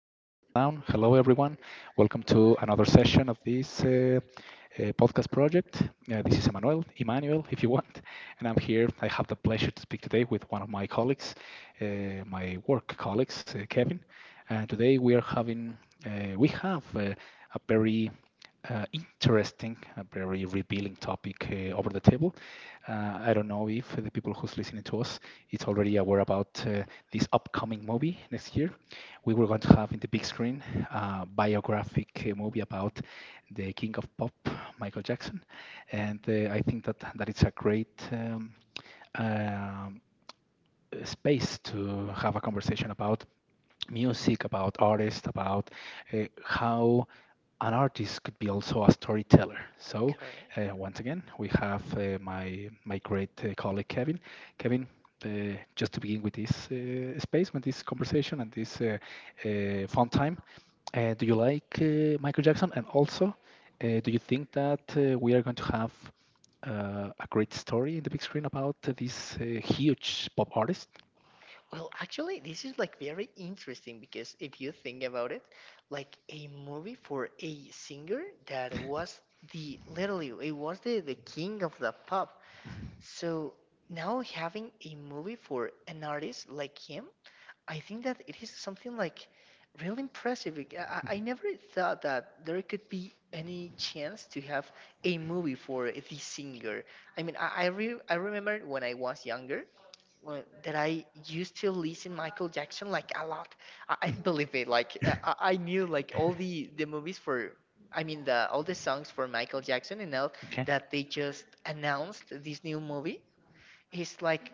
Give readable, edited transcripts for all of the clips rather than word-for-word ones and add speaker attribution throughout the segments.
Speaker 1: everything settled down. Hello, everyone. Welcome to another session of this podcast project. This is Emmanuel, Emmanuel, if you want, and I'm here. I have the pleasure to speak today with one of my colleagues, my work colleagues, Kevin. And today we have a very interesting, a very revealing topic over the table. I don't know if the people who's listening to us is already aware about this upcoming movie next year. We were going to have in the big screen a biographic movie about the king of pop, Michael Jackson, and I think that it's a great um, space to have a conversation about music, about artists, about how an artist could be also a storyteller. So
Speaker 2: Correct.
Speaker 1: once again, we have my great colleague Kevin. Kevin, just to begin with this space, with this conversation and this fun time, do you like Michael Jackson? And also, do you think that we are going to have a great story in the big screen about this huge pop artist?
Speaker 2: Well, actually, this is like very interesting because if you think about it, like a movie for a singer that was the literally it was the king of the pop. So now having a movie for an artist like him, I think that it is something like really impressive. Like, I never thought that there could be any chance to have a movie for this singer. I mean, I remember when I was younger, well, that I used to listen Michael Jackson like a lot. Believe me, like, I knew like all the movies for, I mean the all the songs for Michael Jackson. And now
Speaker 1: Okay.
Speaker 2: that they just announced this new movie, it's like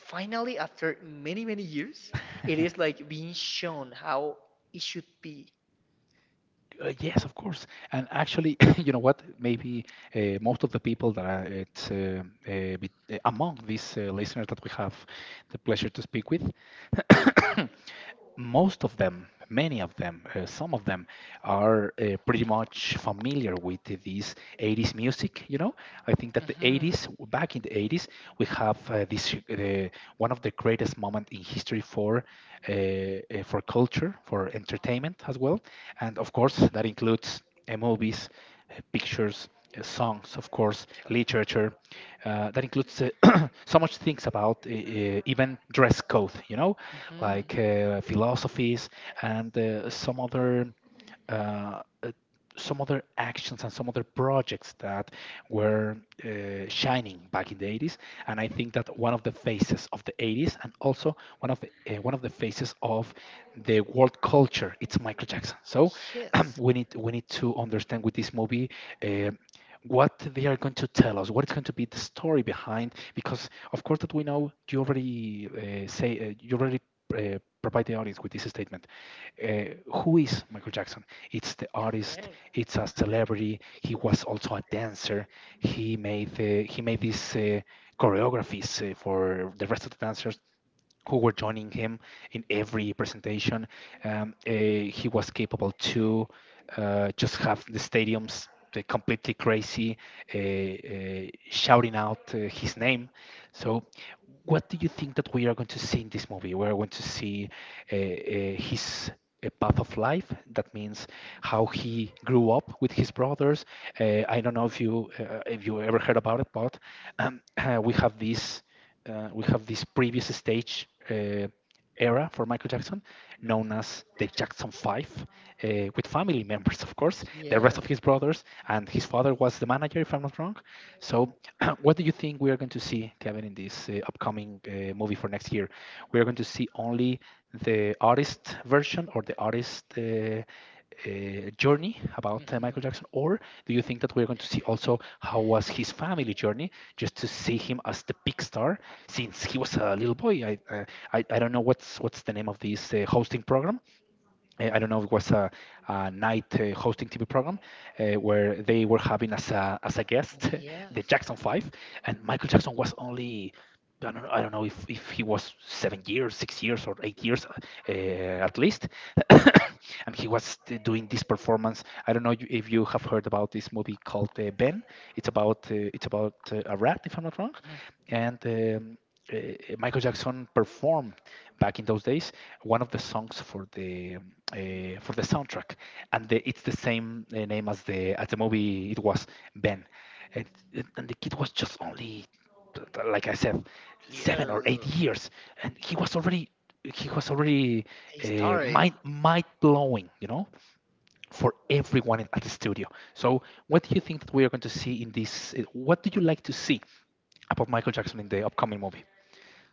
Speaker 2: finally, after many many years, it is like being shown how it should be.
Speaker 1: Yes, of course. And actually, you know what? Maybe most of the people that are among these listeners that we have the pleasure to speak with, most of them, many of them, some of them are pretty much familiar with this 80s music. You know, I think that the
Speaker 2: Mhm.
Speaker 1: 80s, back in the 80s, we have this one of the greatest moments in history for culture, for entertainment as well, and of course that includes movies, pictures. Songs, of course, literature. That includes so much things about even dress code, you know, like philosophies and
Speaker 2: Mhm.
Speaker 1: uh, uh, some other actions and some other projects that were shining back in the 80s. And I think that one of the faces of the 80s, and also one of the faces of the world culture, it's Michael Jackson. So
Speaker 2: Yes.
Speaker 1: we need to understand with this movie uh, what they are going to tell us, what is going to be the story behind, because of course that we know. You already say, you already provide the audience with this statement. Who is Michael Jackson? It's the artist.
Speaker 2: Right.
Speaker 1: It's a celebrity. He was also a dancer. He made these choreographies for the rest of the dancers who were joining him in every presentation. He was capable to just have the stadiums completely crazy, shouting out his name. So, what do you think that we are going to see in this movie? We are going to see uh, uh, his path of life. That means how he grew up with his brothers. I don't know if you ever heard about it, but um, we have this we have this previous stage era for Michael Jackson, known as the Jackson Five, uh, with family members, of course, the rest
Speaker 2: Yes.
Speaker 1: of his brothers, and his father was the manager, if I'm not wrong. So, what do you think we are going to see, Kevin, in this upcoming movie for next year? We are going to see only the artist version, or the artist journey about Michael Jackson, or do you think that we're going to see also how was his family journey, just to see him as the big star since he was a little boy. I don't know what's the name of this hosting
Speaker 2: Mhm.
Speaker 1: program,
Speaker 2: Uh,
Speaker 1: I don't know, it was a night hosting TV program where they were having as a guest
Speaker 2: Yeah.
Speaker 1: the Jackson Five, and Michael Jackson was only. I don't know if he was 7 years, 6 years, or 8 years at least. And doing this performance. I don't know you- If you have heard about this movie called Ben. It's about a rat, if I'm not wrong. And uh, Michael Jackson performed back in those days one of the songs for the soundtrack, and the, it's the same name as the movie. It was Ben, and, and the kid was just only, like I said, seven or
Speaker 2: Yes,
Speaker 1: eight years, and he was already
Speaker 2: a
Speaker 1: uh,
Speaker 2: story.
Speaker 1: mind mind blowing, you know, for everyone at the studio. So, what do you think that we are going to see in this? What do you like to see about Michael Jackson in the upcoming movie?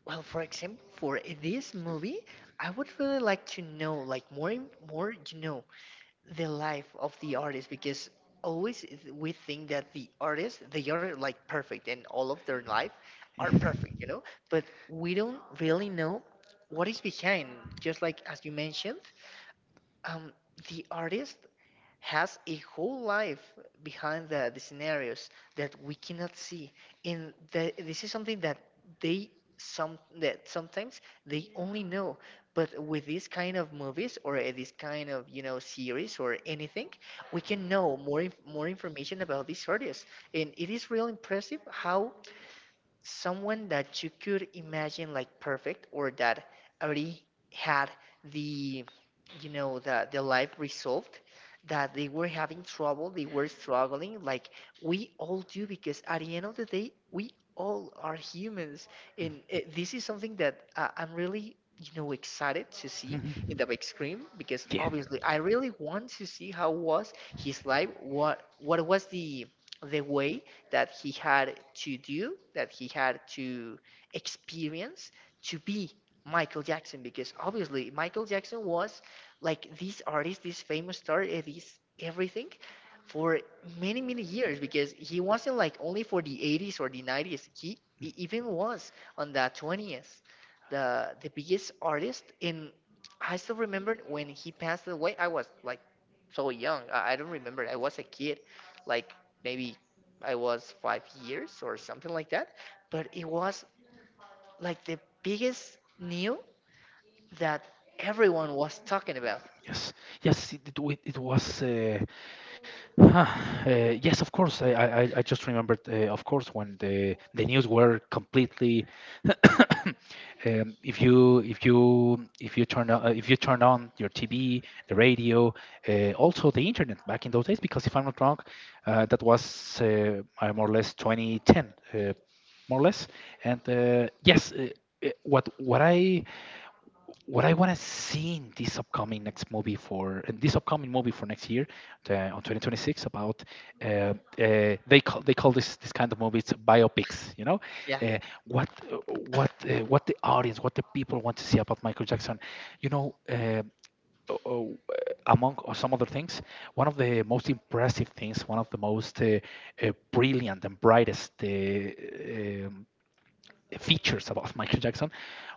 Speaker 2: Well, for example, for this movie, I would really like to know, like, more, the life of the artist because always we think that the artists they are like perfect and all of their life are perfect, but we don't really know what is behind, just like as you mentioned, um, the artist has a whole life behind the scenarios that we cannot see. And this is something that they, sometimes they only know. But with these kind of movies or this kind of, series or anything, we can know more information about these artists. And it is real impressive how someone that you could imagine like perfect or that already had the the life resolved, that they were having trouble, they were struggling, like we all do, because at the end of the day we all are humans. And this is something that I'm really, excited to see in the big screen because
Speaker 1: Yeah.
Speaker 2: obviously I really want to see how was his life. What was the way that he had to do, that he had to experience to be Michael Jackson. Because obviously, Michael Jackson was like this artist, this famous star, this everything for many, many years. Because he wasn't like only for the 80s or the 90s, he even was on the 20s, the biggest artist. And I still remember when he passed away, I was like, so young. I don't remember. I was a kid, like maybe I was 5 years or something like that. But it was like the biggest news that everyone was talking about.
Speaker 1: Yes, yes, it was. Huh, uh, yes, of course. I just remembered, of course, when the news were completely. If you if you if you turn on, if you turn on your TV, the radio, also the internet back in those days, because if I'm not wrong, that was more or less 2010, more or less. And yes, uh, what what I what I want to see in this upcoming movie for next year, on 2026, about they call this this kind of movies biopics. You know,
Speaker 2: Yeah.
Speaker 1: uh, what the audience, what the people want to see about Michael Jackson. You know, o- o- uh, among or some other things, one of the most impressive things, one of the most brilliant and brightest um, features about Michael Jackson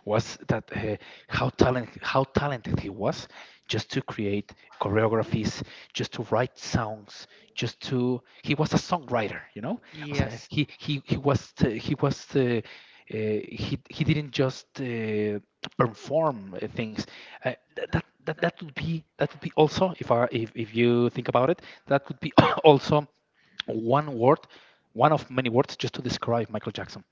Speaker 1: was that how talented he was, just to create choreographies, just to write songs, just to he was a songwriter, you know. O sea,
Speaker 2: Yes.
Speaker 1: he was he didn't just perform things. That would be also, if I if you think about it, that could be also one word, one of many words just to describe Michael Jackson.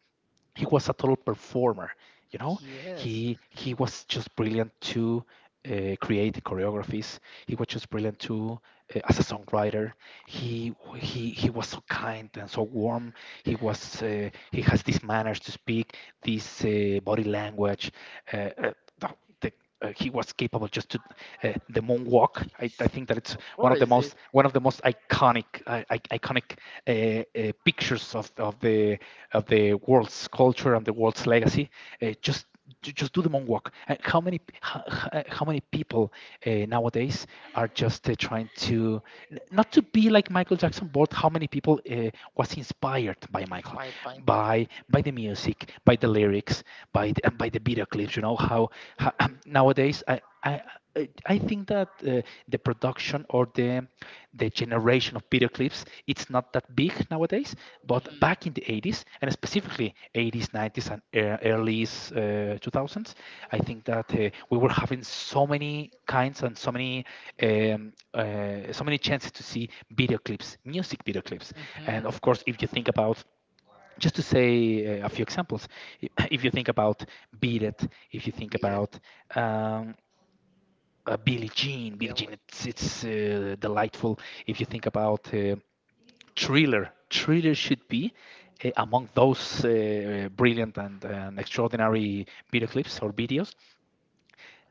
Speaker 1: He was a total performer, you know.
Speaker 2: Yes.
Speaker 1: He was just brilliant to create the choreographies, he was just brilliant to as a songwriter. He was so kind and so warm. He was he has these manners to speak, this body language uh, uh, the, the he was capable just to the moonwalk. I think that it's
Speaker 2: Or is
Speaker 1: one of the most iconic iconic pictures of the world's culture and the world's legacy. Uh, just just do the moonwalk. And how many p- how many people nowadays are just trying to not to be like Michael Jackson, but how many people was inspired by Michael,
Speaker 2: Bye bye.
Speaker 1: by the music, by the lyrics, by the, and by the video clips. You know how nowadays I think that the production or the generation of video clips it's not that big nowadays. But back in the 80s, and specifically 80s, 90s, and
Speaker 2: Mhm.
Speaker 1: early 2000s, I think that we were having so many kinds and so many so many chances to see video clips, music video clips. And of course, if you think about, just to say a few examples, if you think about Beat It, if you think
Speaker 2: Mhm. Yeah,
Speaker 1: about um, Billie Jean, Billie
Speaker 2: feel
Speaker 1: Jean,
Speaker 2: like
Speaker 1: it's
Speaker 2: yeah.
Speaker 1: delightful. If you think about Thriller, Thriller should be among those brilliant and extraordinary video clips or videos.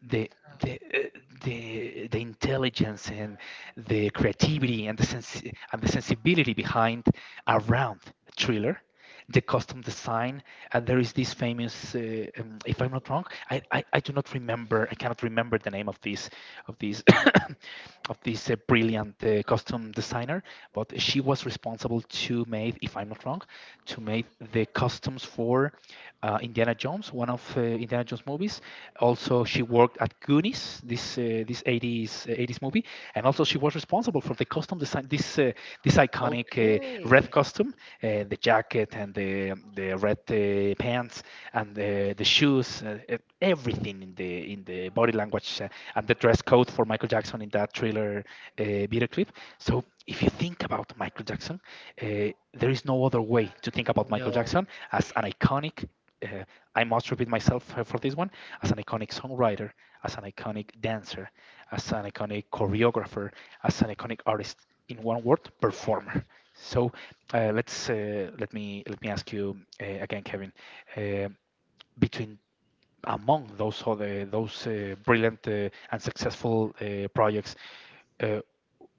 Speaker 1: the the uh, the intelligence and the creativity and and the sensibility behind, around Thriller, the custom design. And there is this famous if I'm not wrong, I do not remember, I cannot remember the name of this of this of this brilliant costume designer. But she was responsible to make, if I'm not wrong, to make the costumes for Indiana Jones, one of Indiana Jones movies. Also, she worked at Goonies, this this 80s 80s movie, and also she was responsible for the costume design. This iconic
Speaker 2: Okay.
Speaker 1: red costume, the jacket and the red pants, and the shoes, everything in the body language, and the dress code for Michael Jackson in that Thriller video clip. So if you think about Michael Jackson, uh, there is no other way to think about Michael
Speaker 2: No.
Speaker 1: Jackson as an iconic, uh, I must repeat myself for this one, as an iconic songwriter, as an iconic dancer, as an iconic choreographer, as an iconic artist. In one word,
Speaker 2: Or
Speaker 1: performer. So, let me ask you again, Kevin. Uh, between Among those brilliant and successful projects, uh,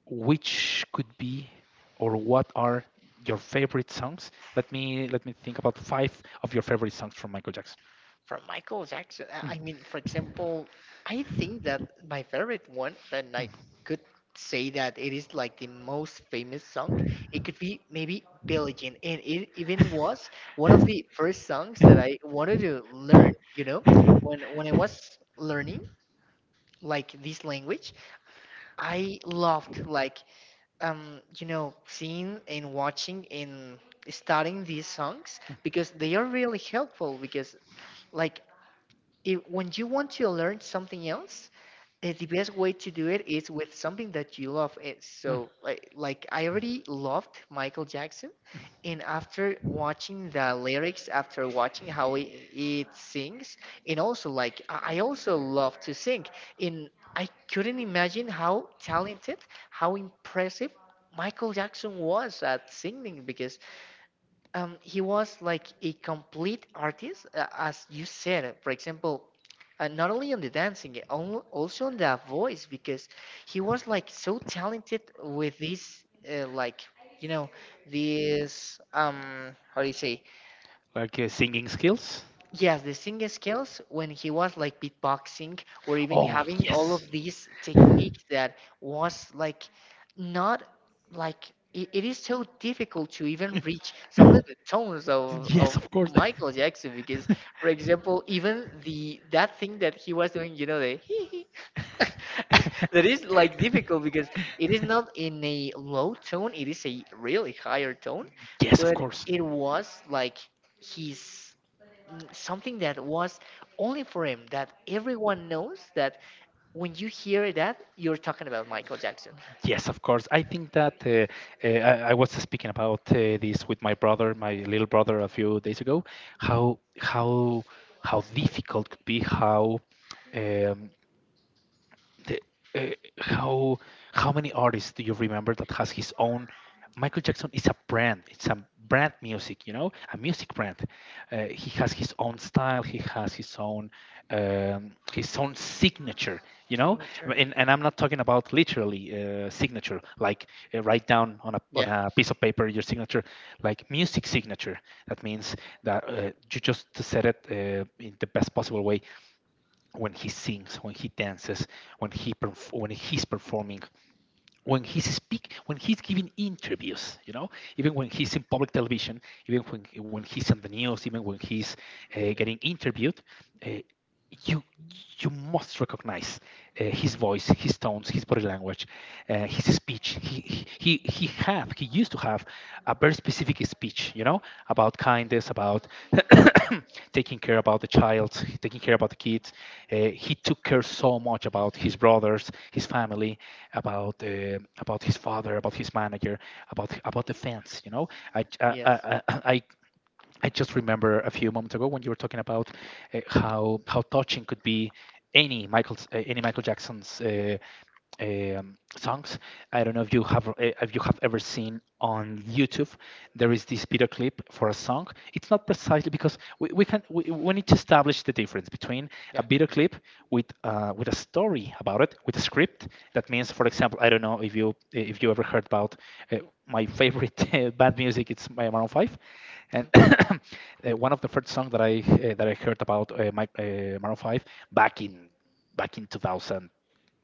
Speaker 1: which could be, or what are your favorite songs? Let me think about five of your favorite songs from Michael Jackson.
Speaker 2: from Michael Jackson.
Speaker 1: Mm.
Speaker 2: I mean, for
Speaker 1: Mm.
Speaker 2: example, I think that my favorite one, that
Speaker 1: Mm.
Speaker 2: I could say that it is like the most famous song. It could be maybe Billie Jean, and it even was one of the first songs that I wanted to learn. You know, when I was learning like this language, I loved, like, seeing and watching and studying these songs because they are really helpful. Because, like, if when you want to learn something else, the best way to do it is with something that you love. It so, like I already loved Michael Jackson, and after watching the lyrics, after watching how he, it sings, and also, like, I also love to sing. And I couldn't imagine how talented, how impressive Michael Jackson was at singing because he was like a complete artist, as you said. For example, not only on the dancing, also on the voice, because he was like so talented with this, like, you know, this, how do you say?
Speaker 1: Like singing skills?
Speaker 2: Yes, the singing skills when he was like beatboxing or even
Speaker 1: Oh,
Speaker 2: having all
Speaker 1: yes.
Speaker 2: of these techniques that was like not, like, it is so difficult to even reach some of the tones of,
Speaker 1: Yes,
Speaker 2: of
Speaker 1: of course.
Speaker 2: Michael Jackson because, for example, even the that thing that he was doing, the hee hee that is like difficult because it is not in a low tone, it is a really higher tone.
Speaker 1: Yes, of
Speaker 2: But
Speaker 1: course.
Speaker 2: it was like his, something that was only for him, that everyone knows, that when you hear that, you're talking about Michael Jackson.
Speaker 1: Yes, of course. I think that, uh, I, I was speaking about this with my brother, my little brother, a few days ago. How how how difficult could be, um, the, uh, how how many artists do you remember that has his own. Michael Jackson is a brand. It's a brand music, a music brand. He has his own style. He has his own signature, you know.
Speaker 2: Signature.
Speaker 1: And I'm not talking about literally, signature, like write down on a
Speaker 2: Yeah.
Speaker 1: on a piece of paper your signature, like music signature. That means that, you just said it in the best possible way. When he sings, when he dances, when he's performing, when he's giving interviews, even when he's in public television, even when he's on the news, even when he's getting interviewed. uh, you You must recognize his voice, his tones, his body language, his speech. He used to have a very specific speech, about kindness, about taking care about the child, taking care about the kids. uh, he took care so much about his brothers, his family, about his father, about his manager, about the fans. You know, I
Speaker 2: Mhm.
Speaker 1: I,
Speaker 2: Yes.
Speaker 1: I, I I just remember a few moments ago when you were talking about how touching could be any Michael Jackson's songs. I don't know if you have ever seen on YouTube. There is this video clip for a song. It's not precisely because we need to establish the difference between a video clip with a story about it, with a script. That means, for example, I don't know if you ever heard about uh, my favorite bad music. It's my Maroon Five. And one of the first songs that I heard about Maroon Five back in 2000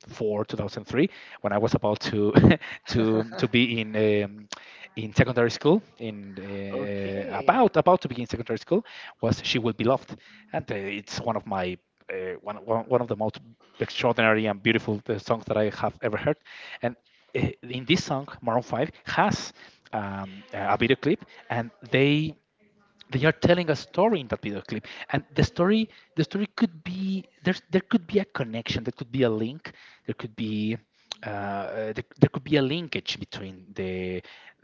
Speaker 1: four, 2003, when I was about to to be in secondary school, in
Speaker 2: Okay.
Speaker 1: about to begin secondary school, was "She Will Be Loved," and it's one of my one of the most extraordinary and beautiful songs that I have ever heard, and in this song, Maroon Five has a video clip. And they are telling a story in that video clip, and the story could be, there could be a connection, there could be a link, there could be there could be a linkage between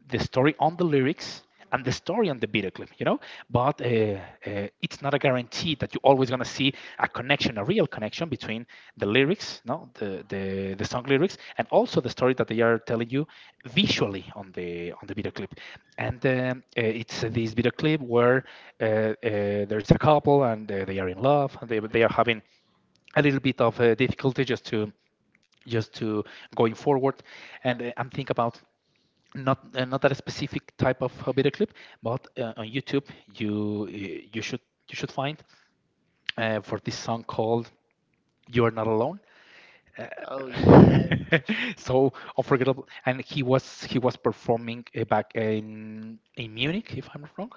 Speaker 1: the story on the lyrics and the story on the video clip. But it's not a guarantee that you're always going to see a connection, a real connection between the lyrics, no, the song lyrics, and also the story that they are telling you visually on the video clip. And It's this video clip where uh, uh, there's a couple, and they are in love, and they are having a little bit of difficulty just to just to going forward. And I'm thinking about not that specific type of video clip, but on YouTube, you uh, you should you should find for this song called "You're Not Alone."
Speaker 2: Oh yes,
Speaker 1: So unforgettable, and he was performing back in Munich, if I'm not wrong,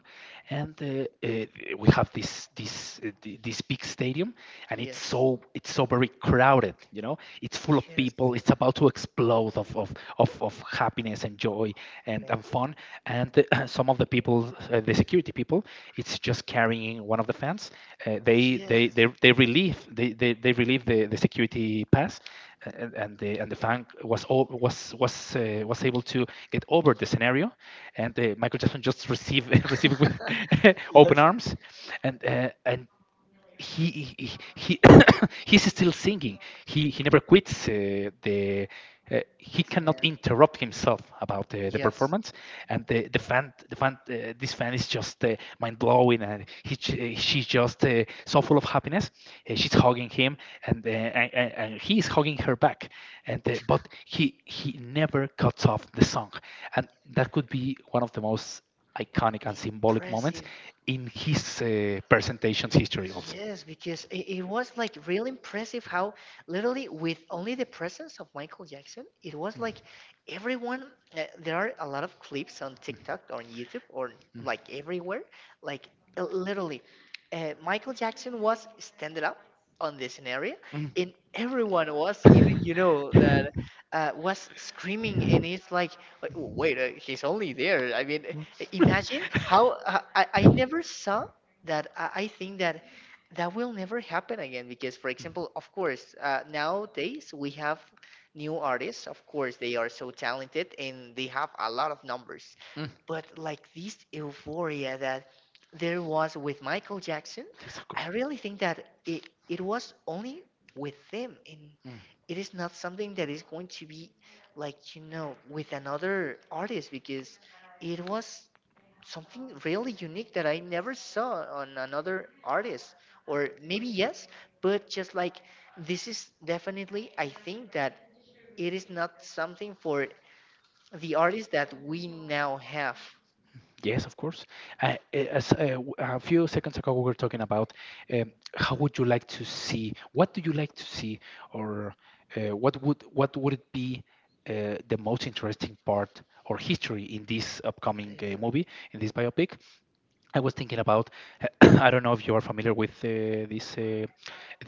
Speaker 1: and we have this big stadium, and
Speaker 2: yes,
Speaker 1: it's so very crowded, it's full of
Speaker 2: yes.
Speaker 1: people, it's about to explode of happiness and joy, and fun, and some of the people, the security people, it's just carrying one of the fans. uh, they,
Speaker 2: Yeah.
Speaker 1: they they
Speaker 2: Yes.
Speaker 1: they relieve they they, they relieve the security pass, and the fan was able to get over the scenario, and Michael Jackson just received received with open
Speaker 2: Yes.
Speaker 1: arms, and he he he's still singing. He never quits the. He cannot
Speaker 2: Yeah.
Speaker 1: interrupt himself about the
Speaker 2: Yes.
Speaker 1: performance, and the fan this fan is just mind blowing, and she's just so full of happiness. She's hugging him, and he is hugging her back. And But he never cuts off the song, and that could be one of the most iconic and symbolic moments
Speaker 2: Impressive.
Speaker 1: in his presentation's history. Also.
Speaker 2: Yes, because, it was like really impressive how literally with only the presence of Michael Jackson, it was like everyone, there are a lot of clips on TikTok or on YouTube or,
Speaker 1: Mm,
Speaker 2: like, everywhere. Like, literally, Michael Jackson was standing up on the scenario,
Speaker 1: mm, mm.
Speaker 2: and everyone was even, that was screaming, and it's like, "Wait, wait, he's only there. I mean,
Speaker 1: Mm.
Speaker 2: imagine how, I never saw that, I think that that will never happen again because, for example, of course, nowadays we have new artists, of course they are so talented and they have a lot of numbers.
Speaker 1: Mm,
Speaker 2: But like this euphoria that there was with Michael Jackson,
Speaker 1: yes, of course.
Speaker 2: I really think that it was only with him, and
Speaker 1: Mm,
Speaker 2: it is not something that is going to be, like, with another artist because it was something really unique that I never saw on another artist. Or maybe yes, but just like, this is definitely, I think that it is not something for the artists that we now have."
Speaker 1: yes, of course. As a few seconds ago, we were talking about, how would you like to see, what do you like to see, or what would it be the most interesting part or history in this upcoming movie, in this biopic? I was thinking about. I don't know if you are familiar with this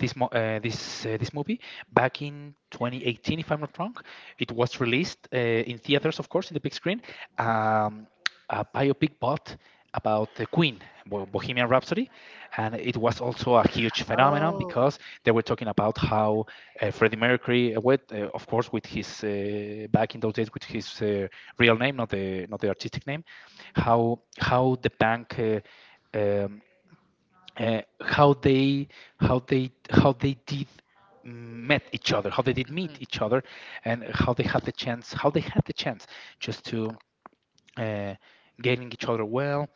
Speaker 1: this mo- this this movie. Back in 2018, if I'm not wrong, it was released in theaters, of course, in the big screen. Um, a biopic, but about the Queen, Bohemian Rhapsody, and it was also a huge phenomenon
Speaker 2: Oh.
Speaker 1: because they were talking about how, Freddie Mercury, with, of course, with his, back in those days, with his real name, not the not the artistic name, how the bank. Um, uh, how they how they how they did met each other, how they did
Speaker 2: Mhm.
Speaker 1: meet each other, and how they had the chance just to uh, getting each other well,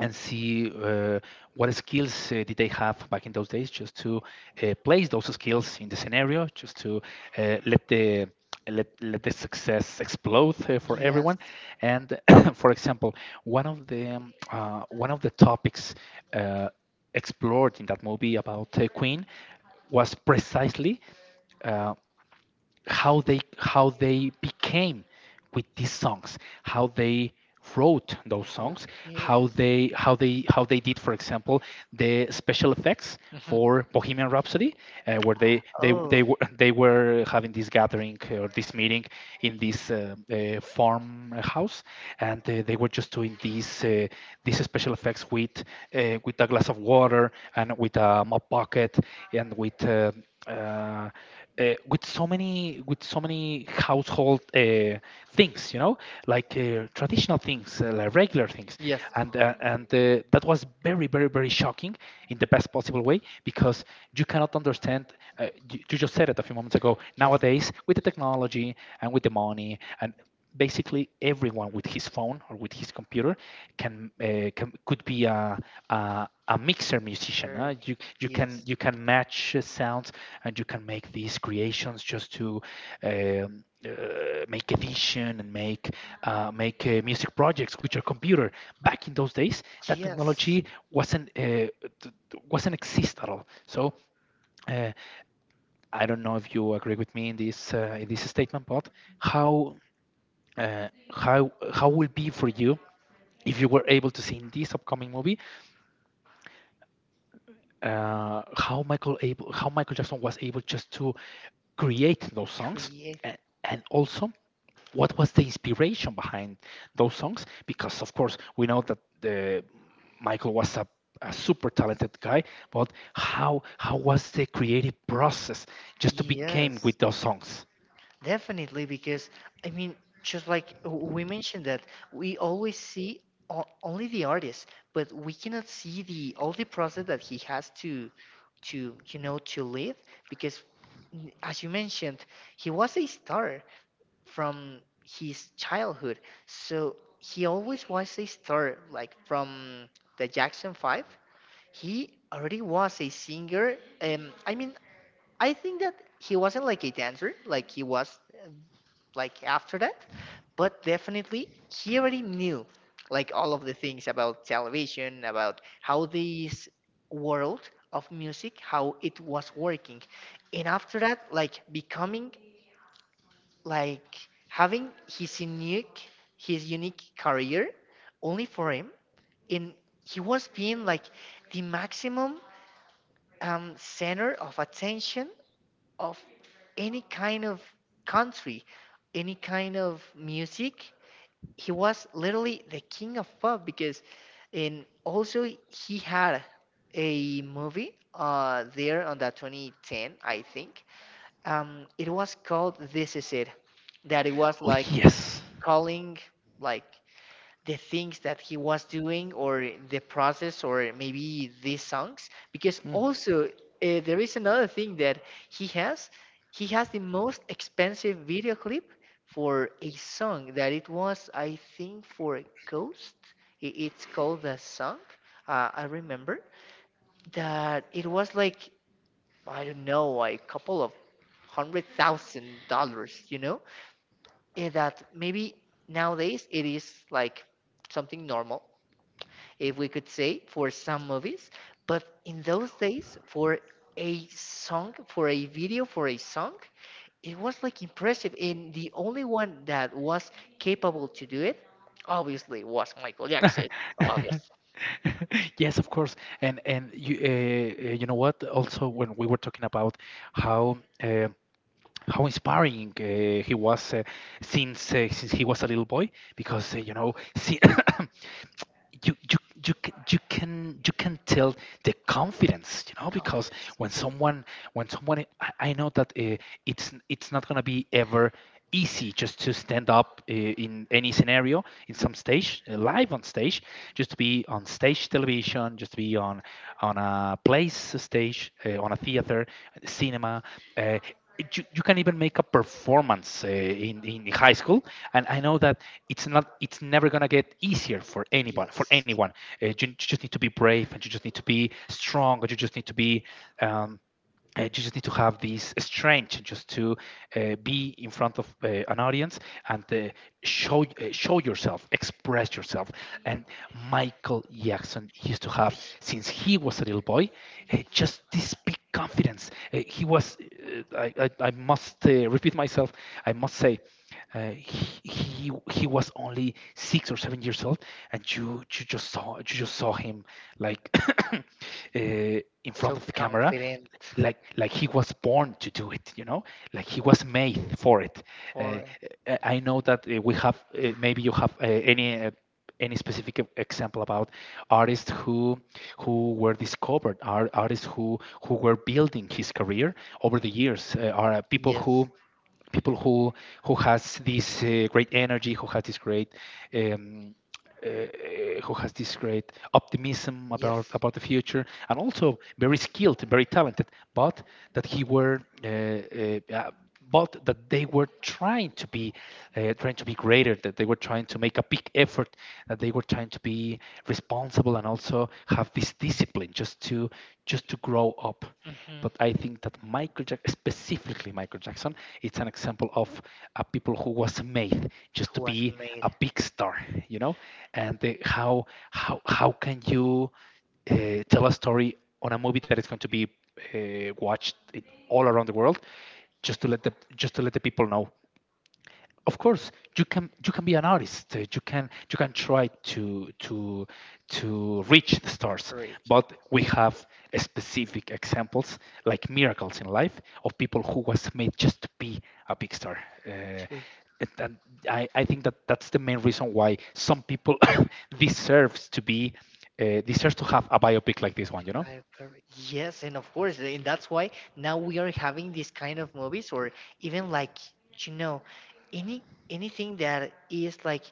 Speaker 1: and see what skills did they have back in those days, just to place those skills in the scenario, just to uh, let the let the success explode for
Speaker 2: Yes.
Speaker 1: everyone, and for example, one of the topics uh, explored in that movie about Queen was precisely uh, how they became with these songs, how they wrote those songs,
Speaker 2: Okay.
Speaker 1: how they did, for example, the special effects
Speaker 2: Mhm.
Speaker 1: for Bohemian Rhapsody, where
Speaker 2: Oh.
Speaker 1: they were having this gathering or this meeting in this farmhouse, and they were just doing these special effects with a glass of water, and with a mop bucket, and with uh, with so many household things, you know, like traditional things, like regular things,
Speaker 2: Yes.
Speaker 1: and that was very very very shocking, in the best possible way, because you cannot understand. Uh, you, you just said it a few moments ago:
Speaker 2: Yes.
Speaker 1: nowadays with the technology and with the money, and basically everyone with his phone or with his computer can could be a mixer musician.
Speaker 2: Very,
Speaker 1: You You can
Speaker 2: yes,
Speaker 1: you can match sounds, and you can make these creations just to um, uh, make edition and make music projects with your computer. Back in those days, that
Speaker 2: yes,
Speaker 1: technology wasn't th- th- wasn't exist at all, so uh, I don't know if you agree with me in this statement. But how how will be for you if you were able to see in this upcoming movie how Michael Jackson was able just to create those songs,
Speaker 2: create,
Speaker 1: and, and also what was the inspiration behind those songs. Because of course we know that the Michael was a super talented guy, but how was the creative process just to became
Speaker 2: yes,
Speaker 1: with those songs.
Speaker 2: definitely. Because, I mean, just like, we mentioned that we always see, only the artist, but we cannot see the all the process that he has to, to live. Because, as you mentioned, he was a star. From his childhood. So he always was a star, like from the Jackson 5. He already was a singer. I mean, I think that he wasn't like a dancer, like he was, like after that, but definitely he already knew like all of the things about television, about how this world of music, how it was working. And after that, like becoming, like having his unique career only for him, and he was being like the maximum, center of attention of any kind of country, any kind of music. He was literally the king of pop, because, and also he had a movie, there on the 2010, I think. It was called This Is It. That it was
Speaker 1: Oh,
Speaker 2: like
Speaker 1: yes.
Speaker 2: calling, like, the things that he was doing or the process, or maybe these songs, because
Speaker 1: Mm.
Speaker 2: also, there is another thing, that he has he has the most expensive video clip for a song, that it was, I think, for a ghost. It's called the song, I remember that it was like, I don't know, a couple of $100,000, that maybe nowadays it is like something normal, if we could say, for some movies. But in those days, for a song, for a video, for a song, it was like impressive. And the only one that was capable to do it, obviously, was Michael Jackson. Obviously,
Speaker 1: Yes, of course. And you know what? Also, when we were talking about how uh, how inspiring he was, since he was a little boy, because see, you you can you can tell the confidence because
Speaker 2: conf-
Speaker 1: when someone when someone I know that it's not going to be ever easy just to stand up in any scenario, in some stage, live on stage, just to be on stage television, just to be on a place, a stage, on a theater, cinema, uh, you can even make a performance in high school. And I know that it's never going to get easier for anyone. Uh, you just need to be brave, and you just need to be strong, and you just need to be um, you just need to have this strength just to be in front of an audience. And show, show yourself, express yourself. And Michael Jackson used to have, since he was a little boy, just this big confidence. He was I must repeat myself. I must say, he was only 6 or 7 years old, and you just saw, you just saw him, like, uh, in
Speaker 2: so
Speaker 1: front of the camera,
Speaker 2: confident
Speaker 1: like he was born to do it, you know, like he was made for it. Uh,
Speaker 2: for it.
Speaker 1: I know that we have, maybe you have any. Any specific example about artists who were discovered, are artists who were building his career over the years, are
Speaker 2: Yes,
Speaker 1: people who has this great energy, who has this great um, who has this great optimism
Speaker 2: yes.
Speaker 1: about the future, and also very skilled, very talented, but that he were. But that they were trying to be, trying to be greater, that they were trying to make a big effort, that they were trying to be responsible, and also have this discipline just to grow up.
Speaker 2: Hmm.
Speaker 1: But I think that Michael Jackson, specifically Michael Jackson, it's an example of a people who was made just to
Speaker 2: Who has
Speaker 1: be
Speaker 2: made.
Speaker 1: a big star, you know. And how can you uh, tell a story on a movie that is going to be watched in, all around the world, just to let the just to let the people know. Of course, you can be an artist. Uh, you can try to to reach the stars.
Speaker 2: Rich.
Speaker 1: But we have specific examples, like miracles in life, of people who was made just to be a big star. uh,
Speaker 2: Three,
Speaker 1: and I think that that's the main reason why some people deserves to be, deserves to have a biopic like this one, you know.
Speaker 2: five, Yes, and of course, and that's why now we are having these kind of movies, or even like, you know, any anything that is like,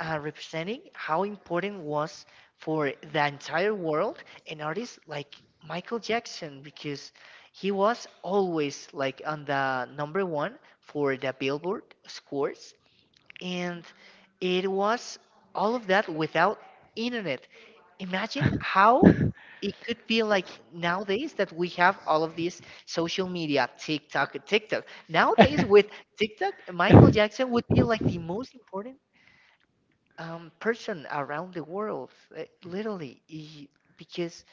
Speaker 2: representing how important was for the entire world an artist like Michael Jackson, because he was always like on the number one for the Billboard scores, and it was all of that without internet. Imagine how it could be like nowadays, that we have all of these social media, TikTok, TikTok. Nowadays with TikTok, Michael Jackson would be like the most important person around the world, literally, because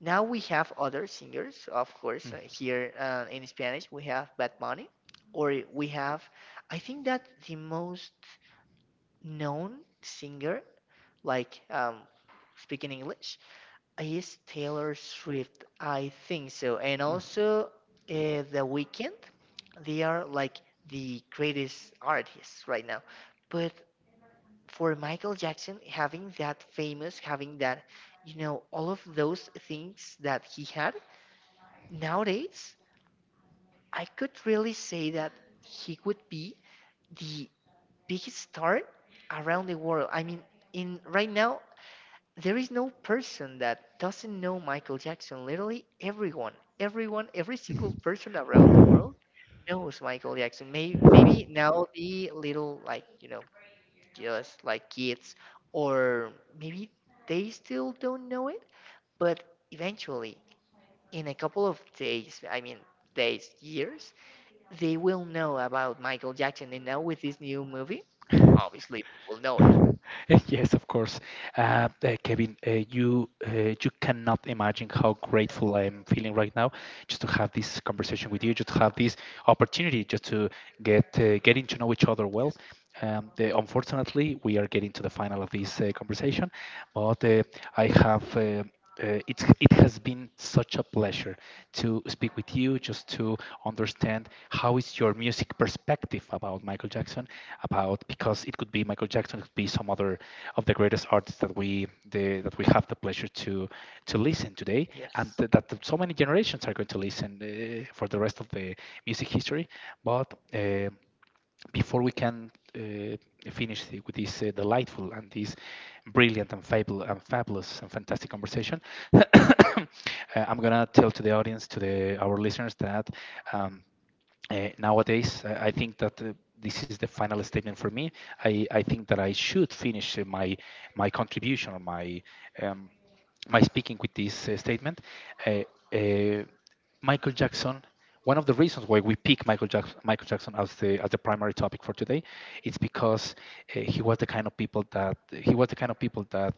Speaker 2: now we have other singers. Of course, here, in Spanish we have Bad Bunny, or we have, I think that the most known singer, like, speaking English, is Taylor Swift. I think so. And also, The Weeknd, they are like the greatest artists right now. But for Michael Jackson, having that famous, having that, all of those things that he had, nowadays, I could really say that he could be the biggest star around the world. I mean, in right now, there is no person that doesn't know Michael Jackson. Literally, everyone, everyone, every single person around the world knows Michael Jackson. Maybe, maybe now the little, like, just like kids, or maybe they still don't know it. But eventually, in a couple of days, I mean days, years, they will know about Michael Jackson. And now with this new movie, obviously they will know it.
Speaker 1: Yes, of course. Kevin, you you cannot imagine how grateful I am feeling right now, just to have this conversation with you, just to have this opportunity, just to getting to know each other well. Unfortunately, we are getting to the final of this conversation, but I have. It's, it has been such a pleasure to speak with you, just to understand how is your music perspective about Michael Jackson, about because it could be Michael Jackson, it could be some other of the greatest artists that we the, that we have the pleasure to listen today, and
Speaker 2: Yes.
Speaker 1: that so many generations are going to listen for the rest of the music history. But before we can finish the, with this delightful and this brilliant and fable and fabulous and fantastic conversation, uh, I'm gonna tell to the audience, to the our listeners that. Um, nowadays, I think that this is the final statement for me. I think that I should finish my my contribution, or my um, my speaking with this statement. Uh, uh, Michael Jackson. One of the reasons why we pick Michael Jackson, Michael Jackson as the primary topic for today, it's because he was the kind of people that he was the kind of people that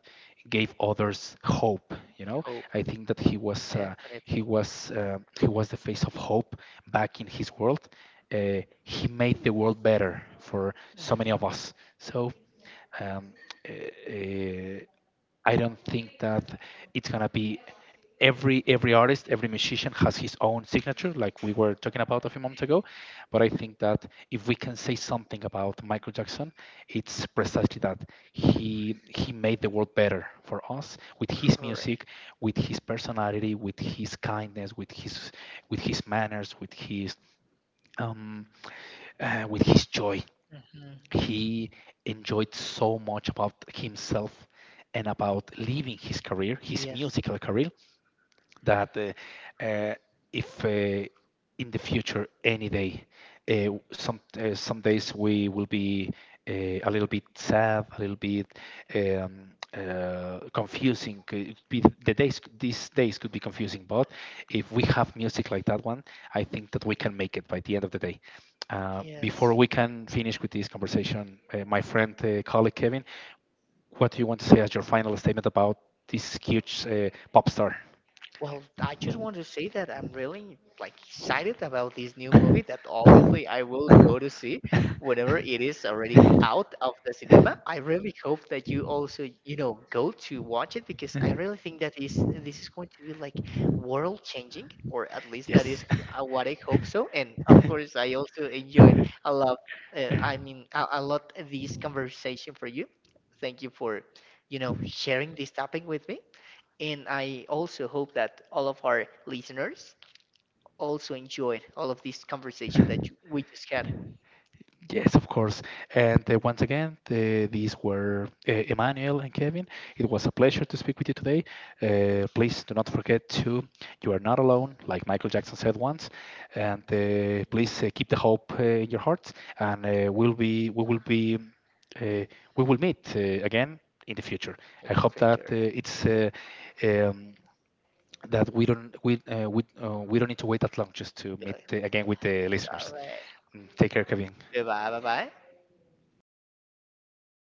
Speaker 1: gave others hope. You know,
Speaker 2: Oh,
Speaker 1: I think that he was he
Speaker 2: definitely.
Speaker 1: was he was the face of hope back in his world. He made the world better for so many
Speaker 2: Mhm.
Speaker 1: of us. So um, uh, uh, I don't think that it's gonna be. Every artist, every musician has his own signature, like we were talking about a few moments ago. But I think that if we can say something about Michael Jackson, it's precisely that he made the world better for us, with his
Speaker 2: Correct.
Speaker 1: music, with his personality, with his kindness, with his manners, um, with his joy.
Speaker 2: Mhm.
Speaker 1: He enjoyed so much about himself and about living his career, his
Speaker 2: Yes.
Speaker 1: musical career, that uh, if in the future, any day, some days we will be uh, a little bit sad, a little bit confusing, could be the days, these days could be confusing. But if we have music like that one, I think that we can make it by the end of the day. Uh,
Speaker 2: Yes.
Speaker 1: before we can finish with this conversation, my friend, colleague Kevin, what do you want to say as your final statement about this huge pop star?
Speaker 2: Well, I just want to say that I'm really, like, excited about this new movie, that obviously I will go to see whenever it is already out of the cinema. I really hope that you also, go to watch it, because I really think that is this is going to be like world changing, or at least that is,
Speaker 1: yes.
Speaker 2: what I hope so. And of course, I also enjoyed a lot. I mean, a lot, this conversation for you. Thank you for, sharing this topic with me. And I also hope that all of our listeners also enjoyed all of this conversation that you, we just had.
Speaker 1: Yes, of course. And once again, these were Emmanuel and Kevin. It was a pleasure to speak with you today. Please do not forget to, you are not alone, like Michael Jackson said once. And please keep the hope in your hearts. And we will be, uh, we will meet again in the future. I hope
Speaker 2: Take
Speaker 1: that
Speaker 2: care.
Speaker 1: it's um, that we don't need to wait that long just to
Speaker 2: All
Speaker 1: meet again with the listeners.
Speaker 2: right.
Speaker 1: Mm, take care, Kevin.
Speaker 2: Bye bye. Bye bye.